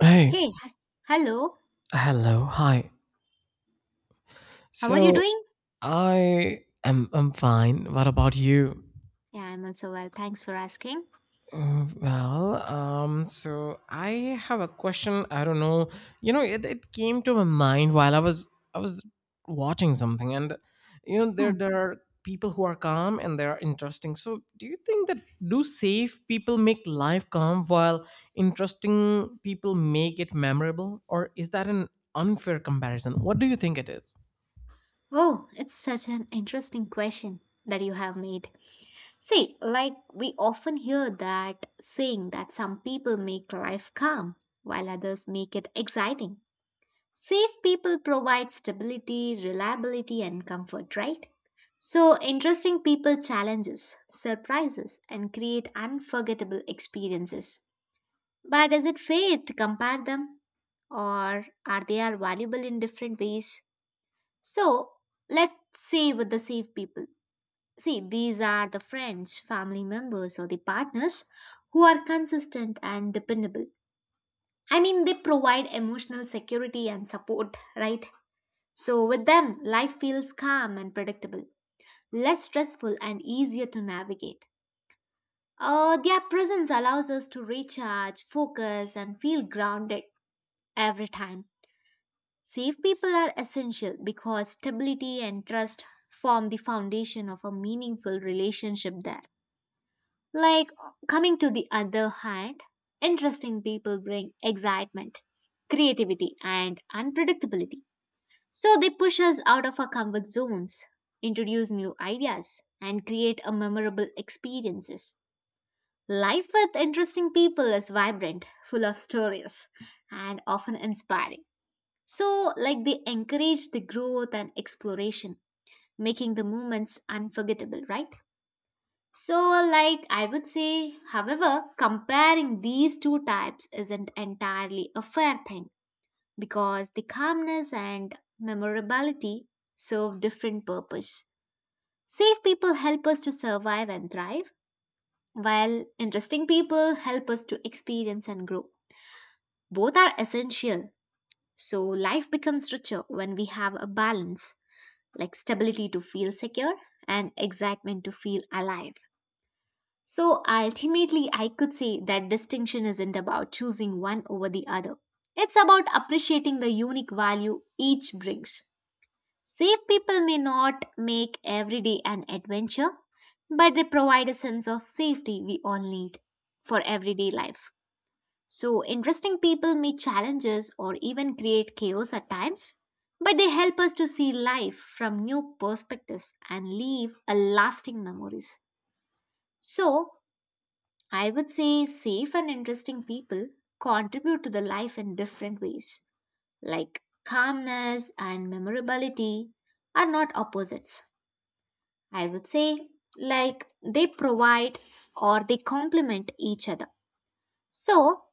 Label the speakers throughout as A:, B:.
A: Hey,
B: Hey, hello.
A: hello, hi.
B: How are you
A: So
B: doing?
A: I'm fine. What about you?
B: Yeah, I'm also well. Thanks for asking.
A: Well, so I have a question. I don't know. It came to my mind while I was watching something, and there
B: Hmm.
A: there are people who are calm and they are interesting. So, do you think that do safe people make life calm while interesting people make it memorable, or is that an unfair comparison? What do you think it is?
B: Oh, it's such an interesting question that you have made. See, like we often hear that saying that some people make life calm while others make it exciting. Safe people provide stability, reliability, and comfort, right? So, interesting people challenges, surprises, and create unforgettable experiences. But is it fair to compare them? Or are they are valuable in different ways? So let's say with the safe people. See, these are the friends, family members, or the partners who are consistent and dependable. I mean, they provide emotional security and support, right? So with them, life feels calm and predictable, less stressful and easier to navigate. Their presence allows us to recharge, focus, and feel grounded every time. Safe people are essential because stability and trust form the foundation of a meaningful relationship there. Like coming to the other hand, interesting people bring excitement, creativity, and unpredictability. So they push us out of our comfort zones, introduce new ideas, and create a memorable experiences. Life with interesting people is vibrant, full of stories, and often inspiring. So, like they encourage the growth and exploration, making the moments unforgettable, right? So, like I would say, however, comparing these two types isn't entirely a fair thing because the calmness and memorability serve different purpose. Safe people help us to survive and thrive, while interesting people help us to experience and grow. Both are essential, so life becomes richer when we have a balance. Like stability to feel secure and excitement to feel alive. So ultimately, I could say that distinction isn't about choosing one over the other. It's about appreciating the unique value each brings. Safe people may not make every day an adventure, but they provide a sense of safety we all need for everyday life. So, interesting people meet challenges or even create chaos at times, but they help us to see life from new perspectives and leave a lasting memories. So, I would say safe and interesting people contribute to the life in different ways. Like calmness and memorability are not opposites. I would say like they provide or they complement each other. So,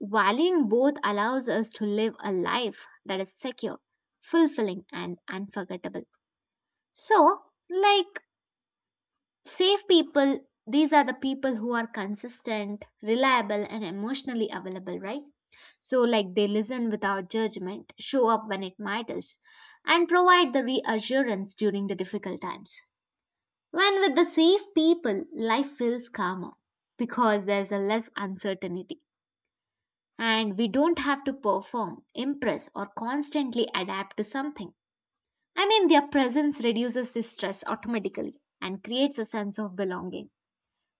B: valuing both allows us to live a life that is secure, fulfilling, and unforgettable. So, like safe people, these are the people who are consistent, reliable, and emotionally available, right? So, like they listen without judgment, show up when it matters, and provide the reassurance during the difficult times. When with the safe people, life feels calmer because there's a less uncertainty. And we don't have to perform, impress, or constantly adapt to something. I mean, their presence reduces the stress automatically and creates a sense of belonging.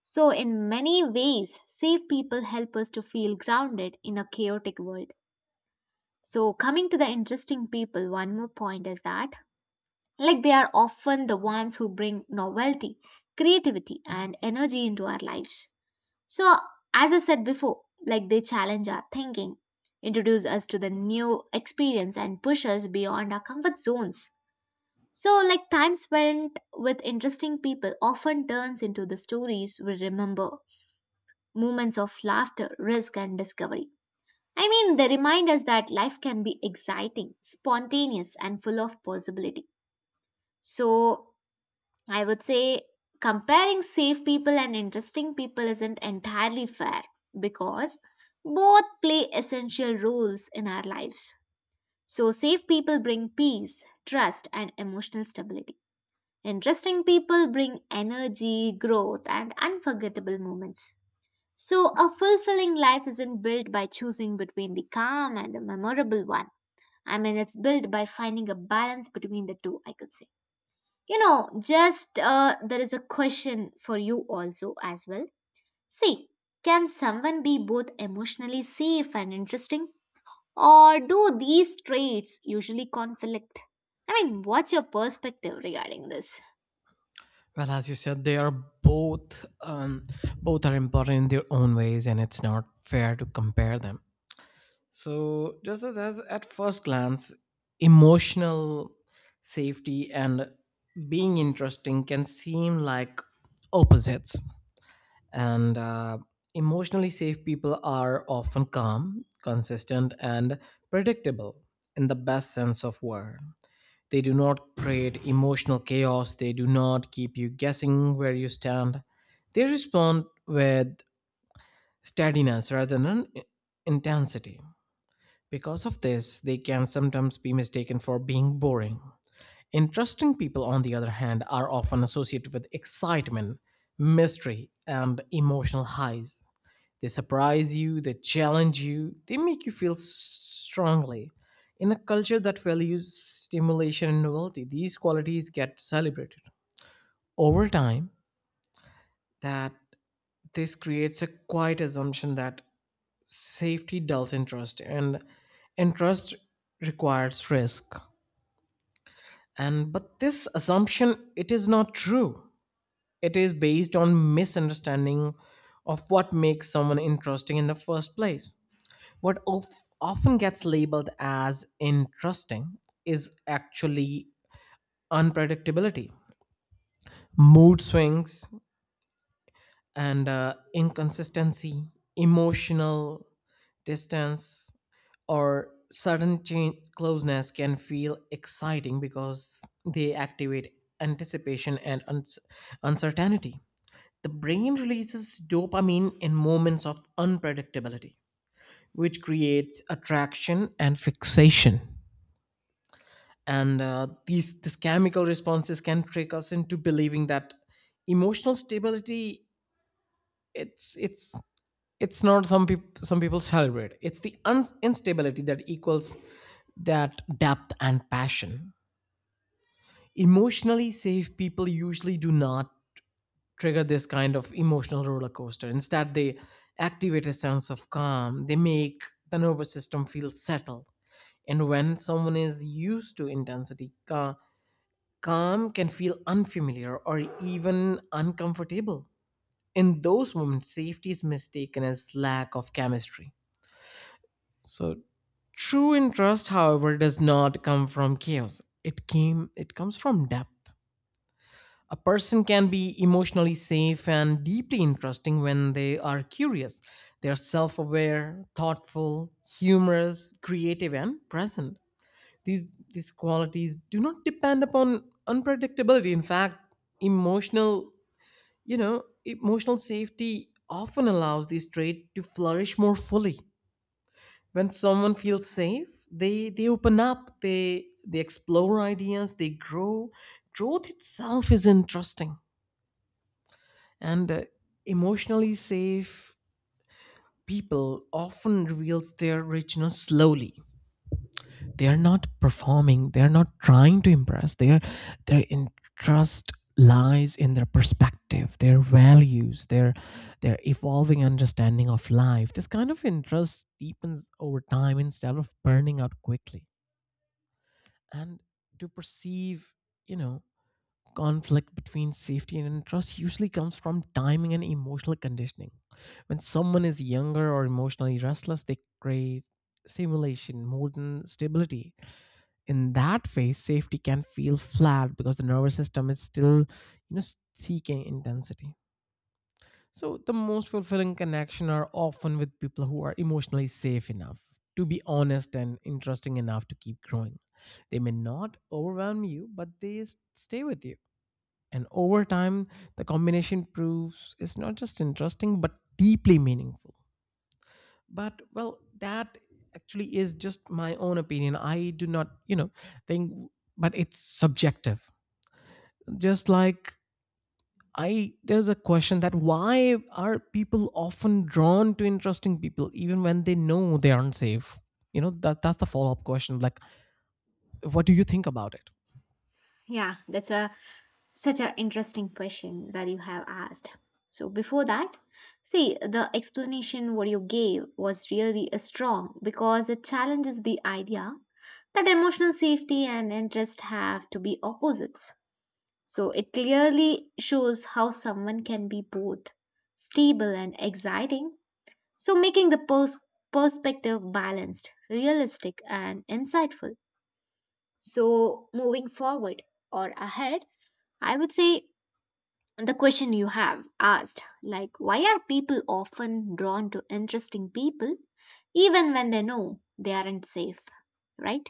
B: So, in many ways, safe people help us to feel grounded in a chaotic world. So, coming to the interesting people, one more point is that, like, they are often the ones who bring novelty, creativity, and energy into our lives. So, as I said before, like they challenge our thinking, introduce us to the new experience, and push us beyond our comfort zones. So, like time spent with interesting people often turns into the stories we remember, moments of laughter, risk, and discovery. I mean, they remind us that life can be exciting, spontaneous, and full of possibility. So, I would say comparing safe people and interesting people isn't entirely fair because both play essential roles in our lives. So, safe people bring peace, trust, and emotional stability. Interesting people bring energy, growth, and unforgettable moments. So, a fulfilling life isn't built by choosing between the calm and the memorable one. I mean, it's built by finding a balance between the two, I could say. You know, just there is a question for you also as well. See, can someone be both emotionally safe and interesting, or do these traits usually conflict? I mean, what's your perspective regarding this?
A: Well, as you said, they are both are important in their own ways, and it's not fair to compare them. So, just as at first glance, emotional safety and being interesting can seem like opposites. And emotionally safe people are often calm, consistent, and predictable in the best sense of word. They do not create emotional chaos. They do not keep you guessing where you stand. They respond with steadiness rather than intensity. Because of this, they can sometimes be mistaken for being boring. Interesting people, on the other hand, are often associated with excitement, mystery, and emotional highs. They surprise you, they challenge you, they make you feel strongly. In a culture that values stimulation and novelty, these qualities get celebrated. Over time, that this creates a quiet assumption that safety dulls interest and interest requires risk. And but this assumption it is not true. It is based on misunderstanding of what makes someone interesting in the first place. What often gets labeled as interesting is actually unpredictability, mood swings, and inconsistency. Emotional distance or sudden change closeness can feel exciting because they activate anticipation and uncertainty. The brain releases dopamine in moments of unpredictability, which creates attraction and fixation. And these chemical responses can trick us into believing that emotional stability it's it's it's not. Some people celebrate, it's the uns instability that equals that depth and passion. Emotionally safe people usually do not trigger this kind of emotional roller coaster. Instead, they activate a sense of calm. They make the nervous system feel settled, and when someone is used to intensity, calm can feel unfamiliar or even uncomfortable. In those moments, safety is mistaken as lack of chemistry. So true interest, however, does not come from chaos. It comes from depth. A person can be emotionally safe and deeply interesting when they are curious. They are self-aware, thoughtful, humorous, creative, and present. These qualities do not depend upon unpredictability. In fact, emotional emotional safety often allows this trait to flourish more fully. When someone feels safe, they open up, they explore ideas, they grow. Growth itself is interesting. And emotionally safe people often reveals their richness slowly. They're not performing, they're not trying to impress. Their interest lies in their perspective, their values, their evolving understanding of life. This kind of interest deepens over time instead of burning out quickly. And to perceive, you know conflict between safety and interest usually comes from timing and emotional conditioning. When someone is younger or emotionally restless, they crave stimulation more than stability. In that phase, safety can feel flat because the nervous system is still, you know seeking intensity. So the most fulfilling connection are often with people who are emotionally safe enough to be honest and interesting enough to keep growing. They may not overwhelm you, but they stay with you, and over time the combination proves it's not just interesting but deeply meaningful. But well, that actually is just my own opinion. I do not, think, but it's subjective. Just like, I there's a question that why are people often drawn to interesting people even when they know they aren't safe. That's the follow up question, like, what do you think about it?
B: Yeah, that's a Such an interesting question that you have asked. So, before that, see, the explanation what you gave was really strong because it challenges the idea that emotional safety and interest have to be opposites. So, it clearly shows how someone can be both stable and exciting. So, making the perspective balanced, realistic, and insightful. So, moving forward or ahead, I would say the question you have asked like why are people often drawn to interesting people even when they know they aren't safe, right?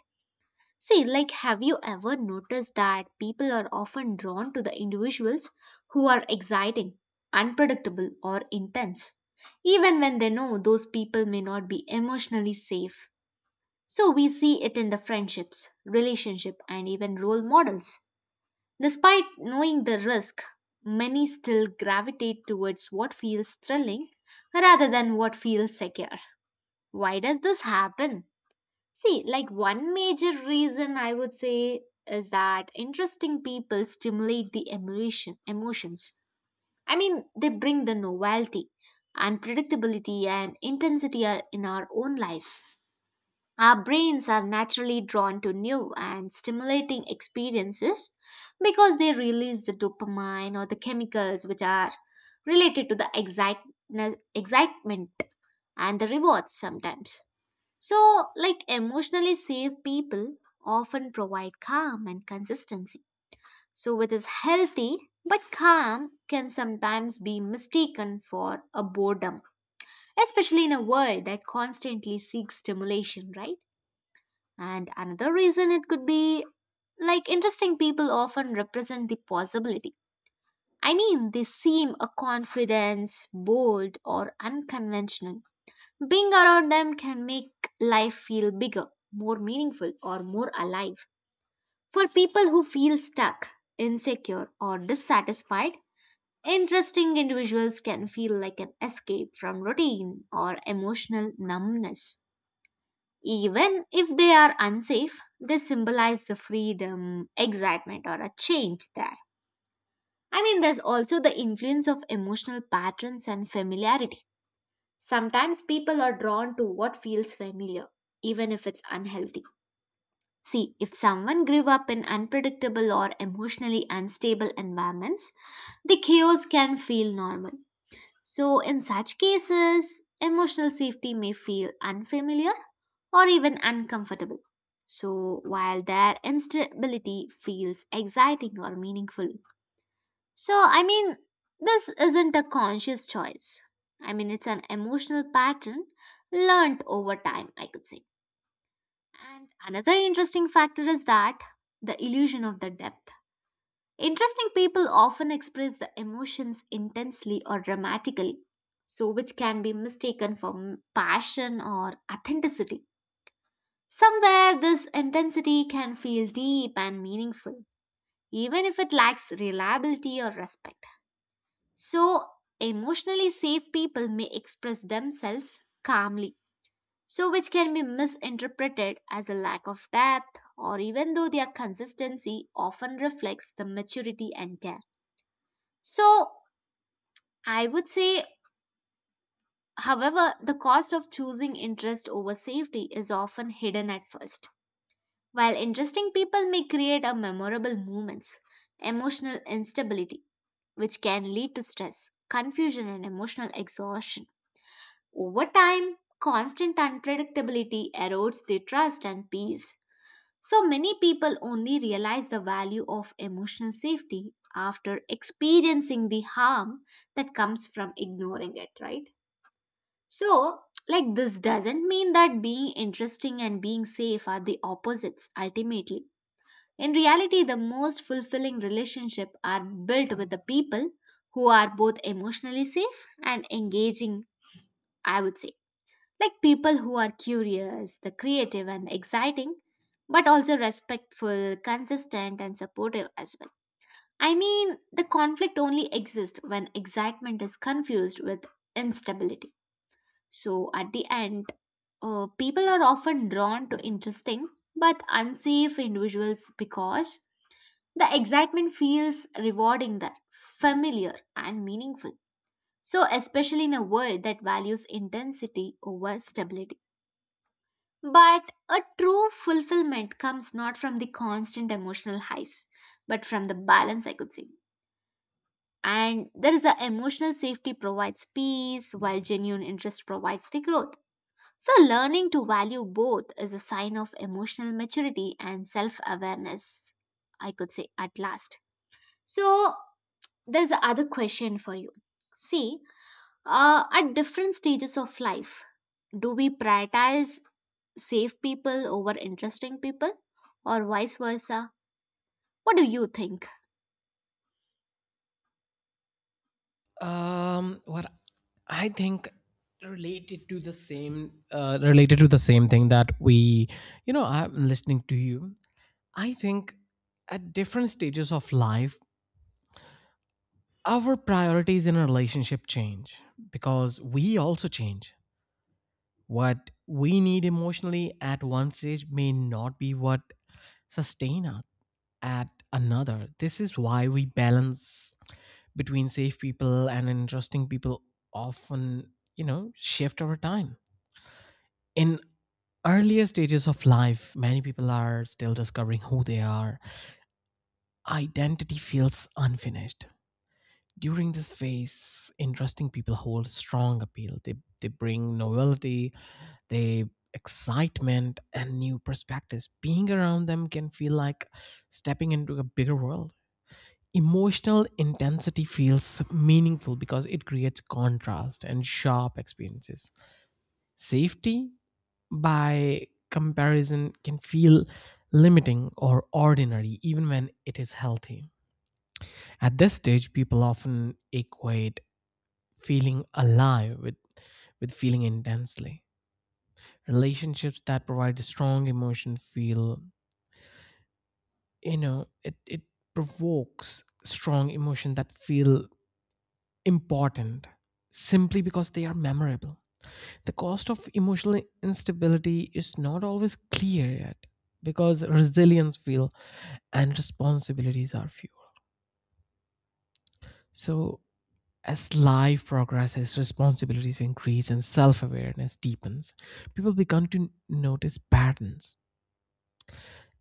B: See, like have you ever noticed that people are often drawn to the individuals who are exciting, unpredictable or intense even when they know those people may not be emotionally safe? So we see it in the friendships, relationship and even role models. Despite knowing the risk, many still gravitate towards what feels thrilling rather than what feels secure. Why does this happen? See, like one major reason I would say is that interesting people stimulate the emotion, emotions. I mean, they bring the novelty, unpredictability, and intensity are- in our own lives. Our brains are naturally drawn to new and stimulating experiences because they release the dopamine or the chemicals which are related to the excitement and the rewards sometimes. So, like emotionally safe people often provide calm and consistency. So, which is healthy but calm can sometimes be mistaken for a boredom, especially in a world that constantly seeks stimulation, right? And another reason it could be like interesting people often represent the possibility. I mean, they seem a confidence, bold, or unconventional. Being around them can make life feel bigger, more meaningful, or more alive. For people who feel stuck, insecure, or dissatisfied, interesting individuals can feel like an escape from routine or emotional numbness. Even if they are unsafe, they symbolize the freedom, excitement, or a change there. I mean, there's also the influence of emotional patterns and familiarity. Sometimes people are drawn to what feels familiar, even if it's unhealthy. See, if someone grew up in unpredictable or emotionally unstable environments, the chaos can feel normal. So, in such cases, emotional safety may feel unfamiliar or even uncomfortable. So, while their instability feels exciting or meaningful. So, I mean, this isn't a conscious choice. I mean, it's an emotional pattern learnt over time, I could say. And another interesting factor is that the illusion of the depth. Interesting people often express the emotions intensely or dramatically, so which can be mistaken for passion or authenticity. Somewhere this intensity can feel deep and meaningful, even if it lacks reliability or respect. So, emotionally safe people may express themselves calmly, so which can be misinterpreted as a lack of depth, or even though their consistency often reflects the maturity and care. So, I would say, however, the cost of choosing interest over safety is often hidden at first. While interesting people may create a memorable moments, emotional instability, which can lead to stress, confusion, and emotional exhaustion. Over time, constant unpredictability erodes the trust and peace. So many people only realize the value of emotional safety after experiencing the harm that comes from ignoring it, right? So, like, this doesn't mean that being interesting and being safe are the opposites ultimately in reality, the most fulfilling relationships are built with the people who are both emotionally safe and engaging, I would say. Like people who are curious, the creative and exciting, but also respectful, consistent and supportive as well. I mean, the conflict only exists when excitement is confused with instability. So at the end, people are often drawn to interesting but unsafe individuals because the excitement feels rewarding there, familiar and meaningful. So, especially in a world that values intensity over stability. But a true fulfillment comes not from the constant emotional highs, but from the balance, I could say. And there is a emotional safety provides peace, while genuine interest provides the growth. So, learning to value both is a sign of emotional maturity and self awareness, I could say, at last. So, there's other question for you. See, at different stages of life, do we prioritize safe people over interesting people, or vice versa? What do you think?
A: What I think, related to the same thing that we I'm listening to you. I think at different stages of life our priorities in a relationship change because we also change. What we need emotionally at one stage may not be what sustain us at another. This is why we balance between safe people and interesting people, often, shift over time. In earlier stages of life, many people are still discovering who they are. Identity feels unfinished. During this phase, interesting people hold strong appeal. They bring novelty, they excitement, and new perspectives. Being around them can feel like stepping into a bigger world. Emotional intensity feels meaningful because it creates contrast and sharp experiences. Safety, by comparison, can feel limiting or ordinary even when it is healthy. At this stage, people often equate feeling alive with feeling intensely. Relationships that provide strong emotion feel, you know, it provokes strong emotion that feel important simply because they are memorable. The cost of emotional instability is not always clear yet because resilience feel and responsibilities are few. So as life progresses, responsibilities increase and self-awareness deepens. People begin to notice patterns,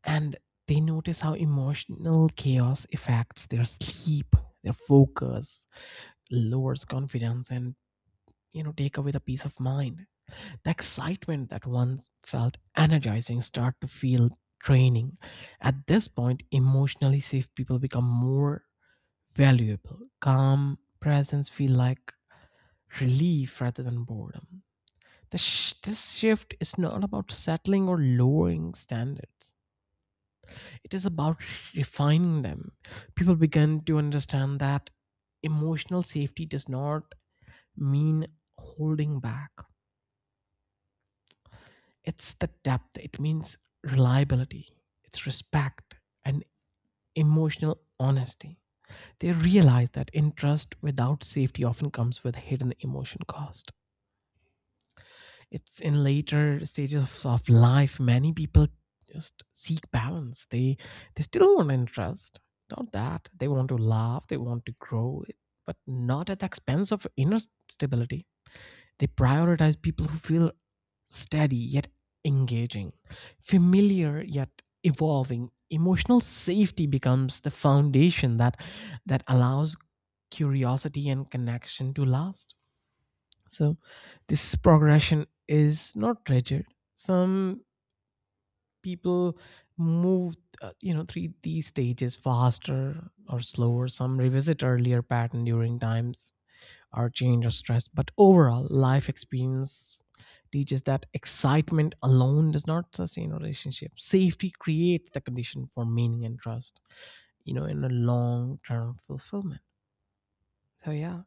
A: and they notice how emotional chaos affects their sleep, their focus, lowers confidence and, take away the peace of mind. The excitement that once felt energizing start to feel draining. At this point, emotionally safe people become more valuable. Calm presence feel like relief rather than boredom. This shift is not about settling or lowering standards. It is about refining them. People begin to understand that emotional safety does not mean holding back. It's the depth, it means reliability, it's respect, and emotional honesty. They realize that interest without safety often comes with hidden emotion cost. It's in later stages of life, many people just seek balance. They still want interest. Not that. They want to laugh, they want to grow, but not at the expense of inner stability. They prioritize people who feel steady yet engaging, familiar yet evolving. Emotional safety becomes the foundation that allows curiosity and connection to last. So this progression is not rigid. Some people move, three these stages faster or slower. Some revisit earlier pattern during times or change or stress. But overall, life experience teaches that excitement alone does not sustain a relationship. Safety creates the condition for meaning and trust, in a long term fulfillment. So, yeah,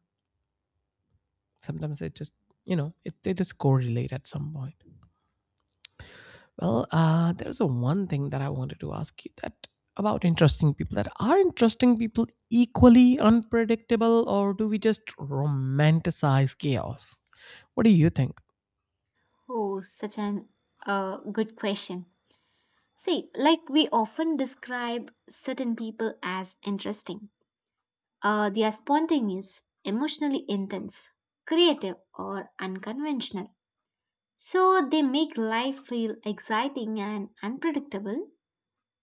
A: sometimes it just, they just correlate at some point. Well, there's a one thing that I wanted to ask you, that about interesting people, that are interesting people equally unpredictable or do we just romanticize chaos? What do you think?
B: Oh, such an good question. See, like we often describe certain people as interesting. They are spontaneous, emotionally intense, creative, or unconventional. So they make life feel exciting and unpredictable.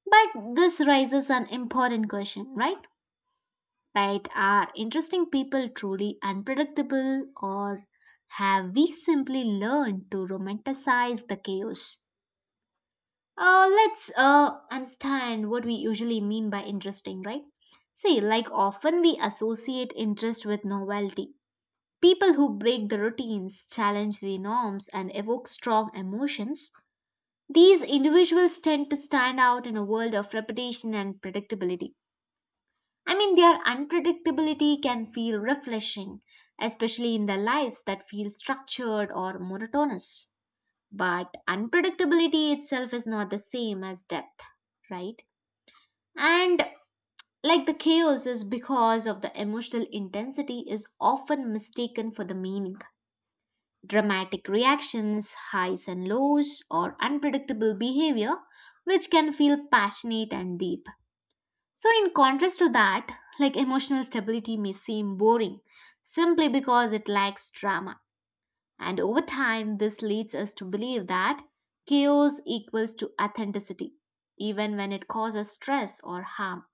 B: But this raises an important question, right? Like, are interesting people truly unpredictable, or have we simply learned to romanticize the chaos? Let's understand what we usually mean by interesting, right? See, like, often we associate interest with novelty. People who break the routines, challenge the norms, and evoke strong emotions. These individuals tend to stand out in a world of repetition and predictability. I mean, their unpredictability can feel refreshing, especially in their lives that feel structured or monotonous. But unpredictability itself is not the same as depth, right? And like the chaos is because of the emotional intensity is often mistaken for the meaning. Dramatic reactions, highs and lows, or unpredictable behavior, which can feel passionate and deep. So, in contrast to that, like emotional stability may seem boring simply because it lacks drama. And over time, this leads us to believe that chaos equals to authenticity, even when it causes stress or harm.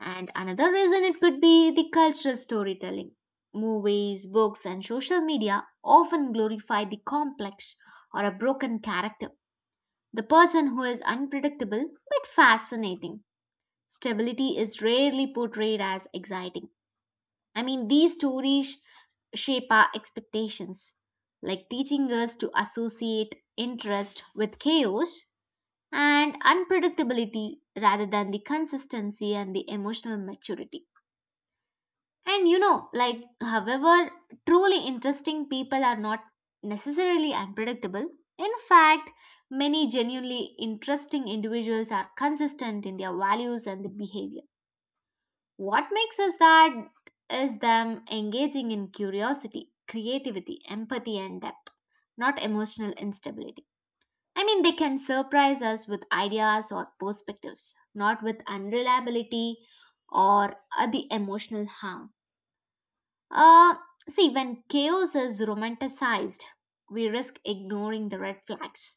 B: And another reason it could be the cultural storytelling. Movies, books, and social media often glorify the complex or a broken character, the person who is unpredictable but fascinating. Stability is rarely portrayed as exciting. I mean, these stories shape our expectations, like teaching us to associate interest with chaos and unpredictability rather than the consistency and the emotional maturity. And you know, like, however, truly interesting people are not necessarily unpredictable. In fact, many genuinely interesting individuals are consistent in their values and the behavior. What makes us that is them engaging in curiosity, creativity, empathy, and depth, not emotional instability. I mean, they can surprise us with ideas or perspectives, not with unreliability or the emotional harm. Uh, see, when chaos is romanticized, we risk ignoring the red flags.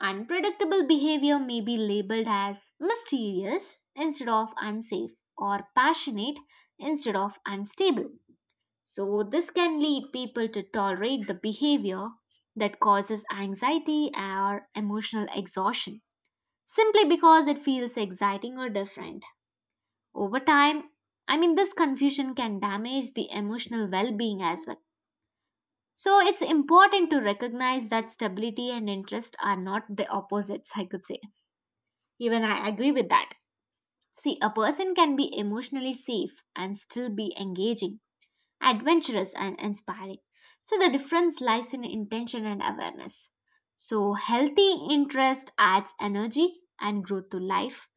B: Unpredictable behavior may be labeled as mysterious instead of unsafe or passionate instead of unstable. So, this can lead people to tolerate the behavior that causes anxiety or emotional exhaustion simply because it feels exciting or different. Over time, I mean, this confusion can damage the emotional well being as well. So, it's important to recognize that stability and interest are not the opposites, I could say. Even I agree with that. See, a person can be emotionally safe and still be engaging, adventurous, and inspiring. So, the difference lies in intention and awareness. So, healthy interest adds energy and growth to life,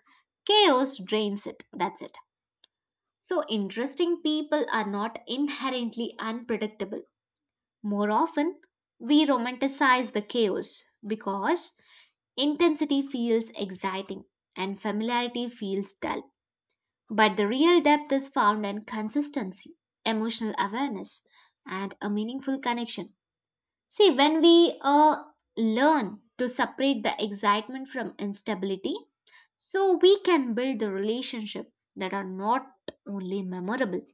B: chaos drains it. That's it. So, interesting people are not inherently unpredictable. More often, we romanticize the chaos because intensity feels exciting and familiarity feels dull. But the real depth is found in consistency, emotional awareness, and a meaningful connection. See, when we learn to separate the excitement from instability, so we can build the relationship that are not only memorable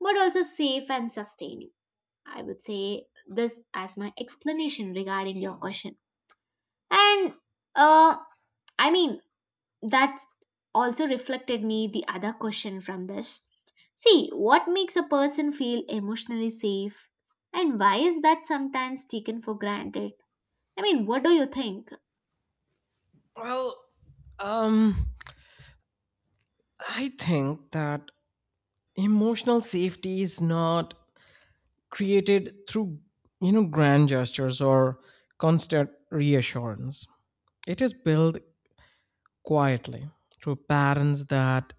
B: but also safe and sustaining. I would say this as my explanation regarding your question. And uh, I mean, that also reflected me the other question from this. See, what makes a person feel emotionally safe and why is that sometimes taken for granted? I mean, what do you think?
A: Well, um, I think that emotional safety is not created through, grand gestures or constant reassurance. It is built quietly through patterns that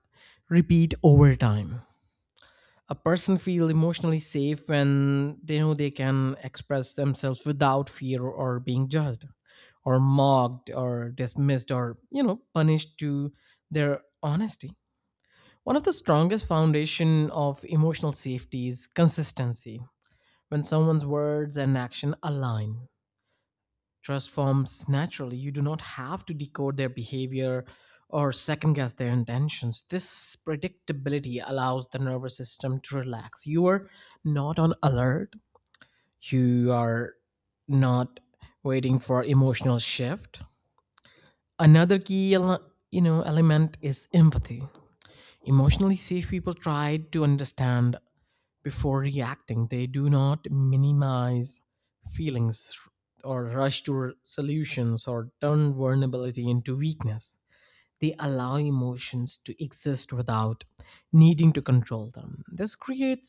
A: repeat over time. A person feels emotionally safe when they know they can express themselves without fear or being judged or mocked or dismissed or, punished to their honesty. One of the strongest foundation of emotional safety is consistency. When someone's words and action align, trust forms naturally. You do not have to decode their behavior or second guess their intentions. This predictability allows the nervous system to relax. You are not on alert. You are not waiting for emotional shift. Another key element is empathy. Emotionally safe people try to understand. Before reacting, they do not minimize feelings or rush to solutions or turn vulnerability into weakness. They allow emotions to exist without needing to control them. This creates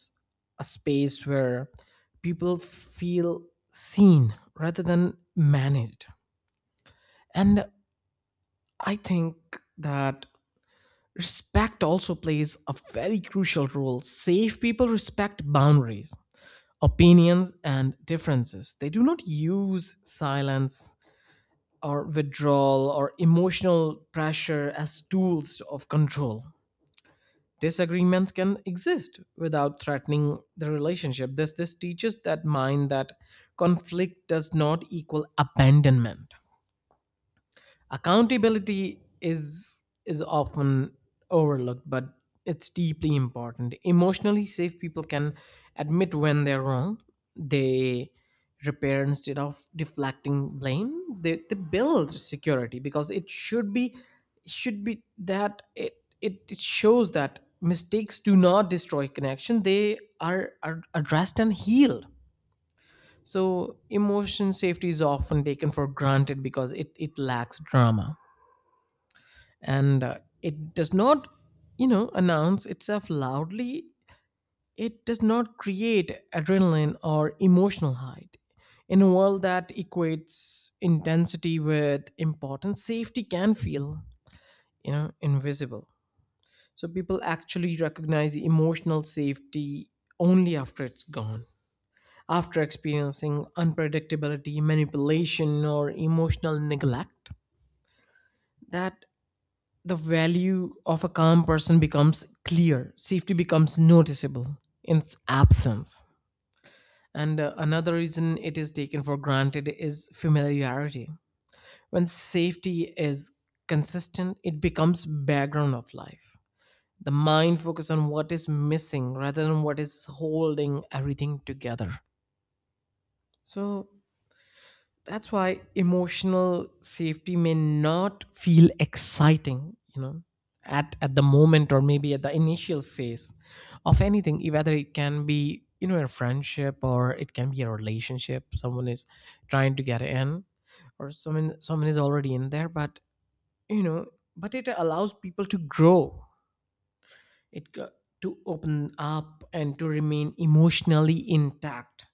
A: a space where people feel seen rather than managed. And I think that respect also plays a very crucial role. Safe people respect boundaries, opinions and differences. They do not use silence or withdrawal or emotional pressure as tools of control. Disagreements can exist without threatening the relationship. This teaches that mind that conflict does not equal abandonment. Accountability is often overlooked, but it's deeply important. Emotionally safe people can admit when they're wrong. They repair instead of deflecting blame. They build security because it should be that it it shows that mistakes do not destroy connection. They are addressed and healed. So emotion safety is often taken for granted because it lacks drama, and it does not, announce itself loudly. It does not create adrenaline or emotional height. In a world that equates intensity with importance, safety can feel, invisible. So people actually recognize the emotional safety only after it's gone. After experiencing unpredictability, manipulation, or emotional neglect, that the value of a calm person becomes clear. Safety becomes noticeable in its absence. And another reason it is taken for granted is familiarity. When safety is consistent, it becomes background of life. The mind focuses on what is missing rather than what is holding everything together. So that's why emotional safety may not feel exciting, at the moment, or maybe at the initial phase of anything, e, whether it can be, a friendship or it can be a relationship. Someone is trying to get in, or someone is already in there, but, you know, but it allows people to grow, it go- to open up and to remain emotionally intact.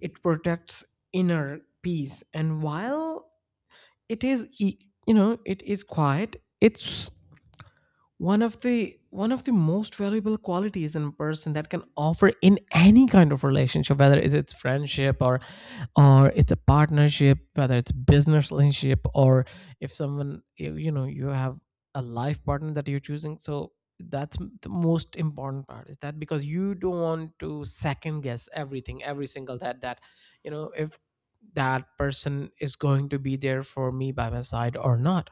A: It protects inner peace, and while it is it is quiet, it's one of the most valuable qualities in a person that can offer in any kind of relationship, whether it's friendship, or it's a partnership, whether it's business relationship, or if someone you have a life partner that you're choosing. So that's the most important part is that, because you don't want to second guess everything, every single that, if that person is going to be there for me by my side or not.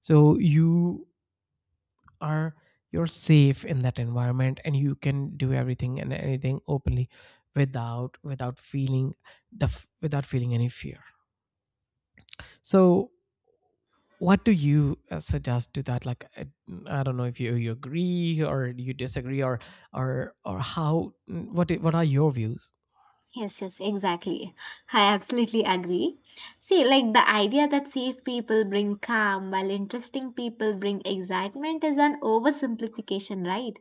A: So you are, you're safe in that environment, and you can do everything and anything openly without feeling without feeling any fear. So what do you, suggest to that? Like, I don't know if you, you agree or you disagree, or how, what what are your views?
B: Yes, yes, exactly. I absolutely agree. See, like the idea that safe people bring calm while interesting people bring excitement is an oversimplification, right?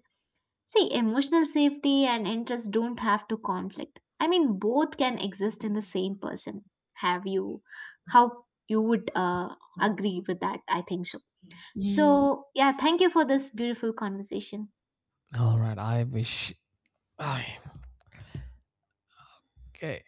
B: See, emotional safety and interest don't have to conflict. I mean, both can exist in the same person. Have you? How you would agree with that? I think so.
A: Ye-
B: So, yeah, thank you for this beautiful conversation.
A: all right. I wish. I... okay.